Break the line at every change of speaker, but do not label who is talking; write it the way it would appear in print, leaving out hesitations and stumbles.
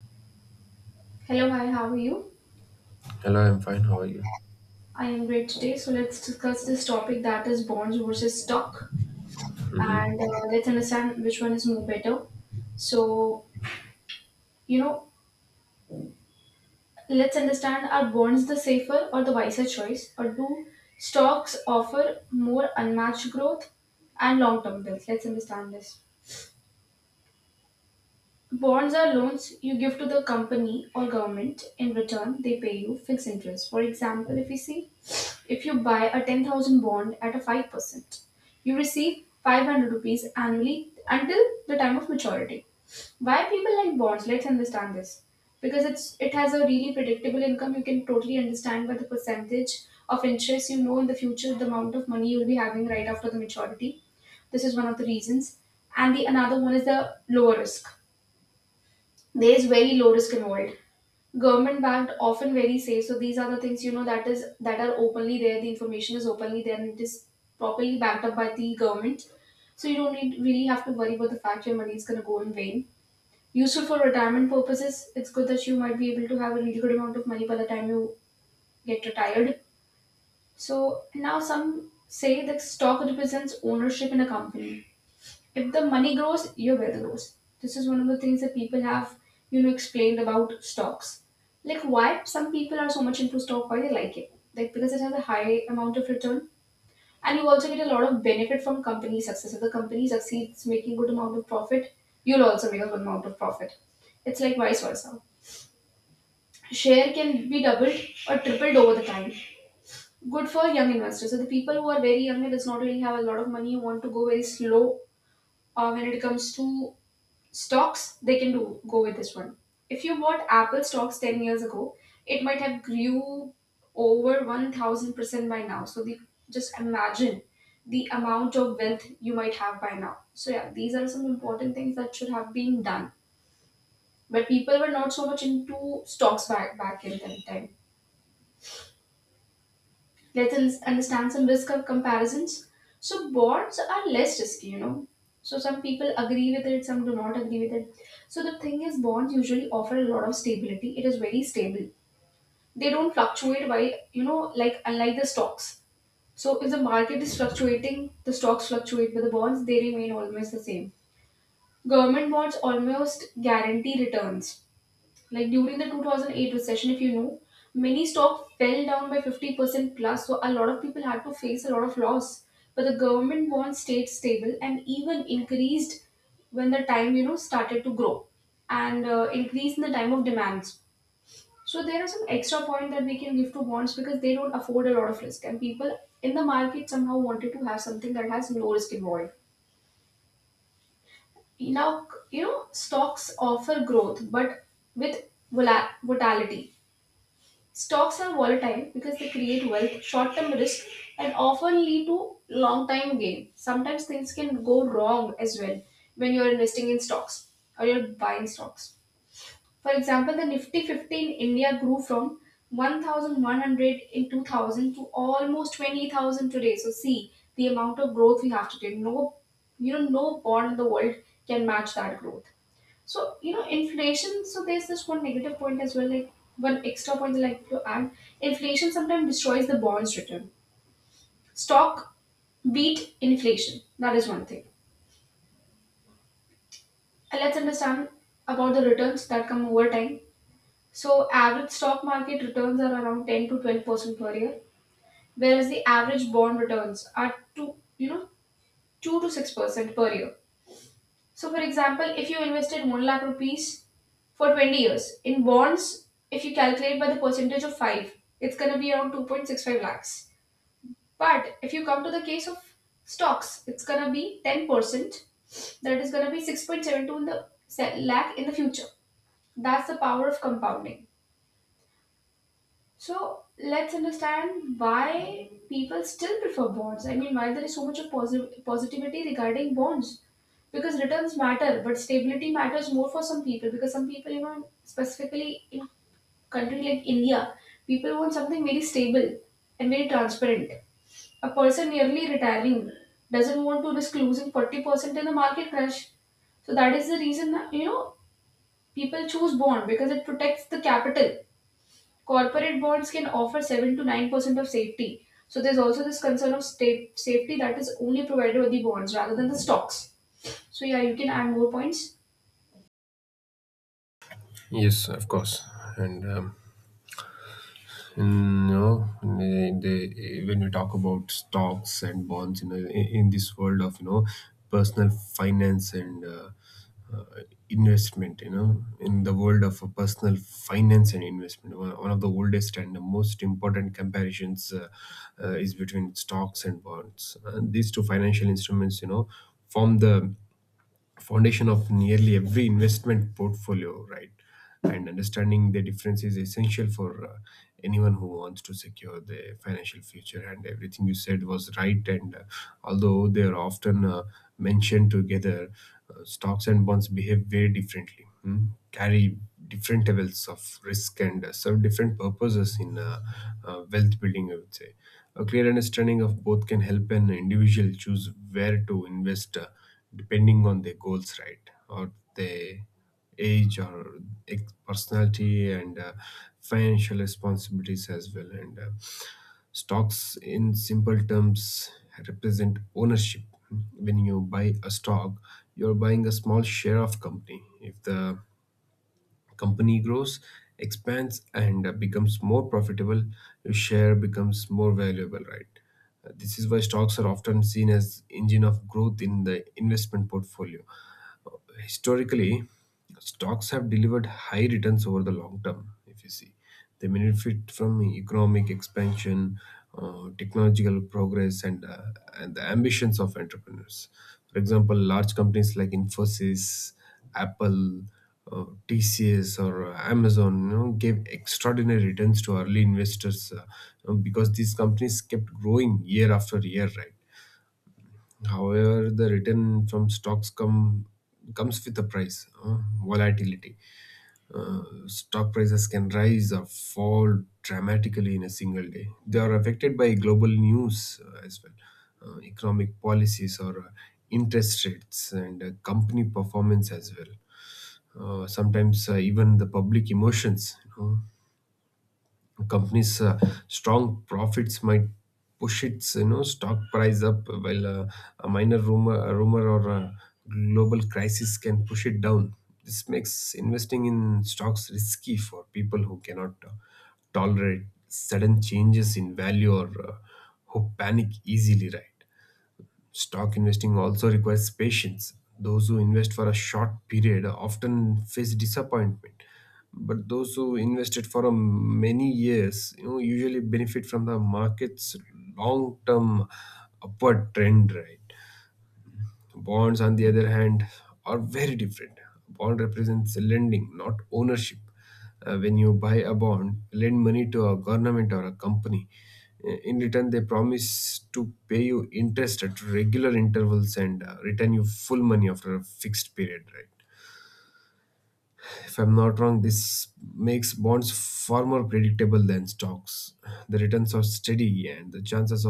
Hello, hi, how are you?
Hello, I'm fine. How are you?
I am great today. So let's discuss this topic that is bonds versus stock,
Hmm.
and let's understand which one is more better. So you know, let's understand, are bonds the safer or the wiser choice, or do stocks offer more unmatched growth and long-term bills? Let's understand this. Bonds are loans you give to the company or government. In return, they pay you fixed interest. For example, if you see, if you buy a 10,000 bond at a 5%, you receive 500 rupees annually until the time of maturity. Why people like bonds? Let's understand this. Because it has a really predictable income. You can totally understand by the percentage of interest in the future the amount of money you'll be having right after the maturity. This is one of the reasons. And the another one is the lower risk. There is very low risk involved. Government backed, often very safe. So these are the things that are openly there. The information is openly there and it is properly backed up by the government. So you don't need, really have to worry about the fact your money is going to go in vain. Useful for retirement purposes. It's good that you might be able to have a really good amount of money by the time you get retired. So now some say that stock represents ownership in a company, if the money grows, your wealth grows. This is one of the things that people have, explained about stocks. Like why some people are so much into stock, why they like it. Like because it has a high amount of return. And you also get a lot of benefit from company success. If the company succeeds making good amount of profit, you'll also make a good amount of profit. It's like vice versa. Share can be doubled or tripled over the time. Good for young investors. So the people who are very young and does not really have a lot of money want to go very slow when it comes to stocks, they can do go with this one. If you bought Apple stocks 10 years ago, it might have grew over 1000% by now. So the just imagine the amount of wealth you might have by now. So yeah, these are some important things that should have been done. But people were not so much into stocks back in that time. Let's understand some risk of comparisons. So bonds are less risky, you know. So some people agree with it, some do not agree with it. So the thing is, bonds usually offer a lot of stability. It is very stable. They don't fluctuate by, like unlike the stocks. So if the market is fluctuating, the stocks fluctuate, but the bonds they remain almost the same. Government bonds almost guarantee returns like during the 2008 recession, if you know, many stock fell down by 50% plus, so a lot of people had to face a lot of loss. But the government bonds stayed stable and even increased when the time started to grow and increase in the time of demands. So there are some extra point that we can give to bonds because they don't afford a lot of risk, and people in the market somehow wanted to have something that has no risk involved. Now you know stocks offer growth, but with volatility. Stocks are volatile because they create wealth, short term risk, and often lead to long time gain. Sometimes things can go wrong as well when you're investing in stocks or you're buying stocks. For example, the Nifty 50 in India grew from 1100 in 2000 to almost 20,000 today. So, see the amount of growth we have to take. No, you know, no bond in the world can match that growth. So, you know, inflation, so there's this one negative point as well, like one extra point that I like to add. Inflation sometimes destroys the bonds return. Stock beat inflation. That is one thing. And let's understand about the returns that come over time. So average stock market returns are around 10 to 12% per year, whereas the average bond returns are 2 to 6% per year. So, for example, if you invested 1 lakh rupees for 20 years in bonds, if you calculate by the percentage of 5, it's going to be around 2.65 lakhs. But if you come to the case of stocks, it's going to be 10%, that is going to be 6.72 in the lakh in the future. That's the power of compounding. So let's understand why people still prefer bonds. I mean, why there is so much of positivity regarding bonds. Because returns matter, but stability matters more for some people. Because some people, you know, specifically in country like India, people want something very stable and very transparent. A person nearly retiring doesn't want to risk losing 40% in the market crash. So that is the reason, you know, people choose bond because it protects the capital. Corporate bonds can offer 7 to 9% of safety. So there's also this concern of state safety that is only provided with the bonds rather than the stocks. So yeah, you can add more points.
Yes, of course. And in, you know, in the- when we talk about stocks and bonds, in this world of personal finance and uh, investment, you know, in the world of personal finance and investment, one of the oldest and the most important comparisons is between stocks and bonds. And these two financial instruments, you know, form the foundation of nearly every investment portfolio, right? And understanding the difference is essential for anyone who wants to secure their financial future. And everything you said was right. And although they are often mentioned together, stocks and bonds behave very differently, hmm, carry different levels of risk, and serve different purposes in wealth building, I would say. A clear understanding of both can help an individual choose where to invest, depending on their goals, right? Or their age or personality and financial responsibilities as well. And stocks, in simple terms, represent ownership. When you buy a stock, you're buying a small share of company. If the company grows, expands, and becomes more profitable, your share becomes more valuable, right? This is why stocks are often seen as engine of growth in the investment portfolio. Historically, stocks have delivered high returns over the long term. If you see, they benefit from economic expansion, technological progress, and the ambitions of entrepreneurs. For example, large companies like Infosys, Apple, TCS, or Amazon, you know, gave extraordinary returns to early investors, you know, because these companies kept growing year after year, right? However, the return from stocks comes with a price, volatility. Stock prices can rise or fall dramatically in a single day. They are affected by global news as well, economic policies or interest rates and company performance as well. Sometimes even the public emotions. You know, company's strong profits might push its, you know, stock price up, while a minor rumor a rumor or a global crisis can push it down. This makes investing in stocks risky for people who cannot tolerate sudden changes in value or who panic easily, right? Stock investing also requires patience. Those who invest for a short period often face disappointment, but those who invested for a many years, you know, usually benefit from the market's long-term upward trend, right? Bonds, on the other hand, are very different. Bond represents lending, not ownership. When you buy a bond, lend money to a government or a company. In return, they promise to pay you interest at regular intervals and return you full money after a fixed period, right? If I'm not wrong, this makes bonds far more predictable than stocks. The returns are steady and the chances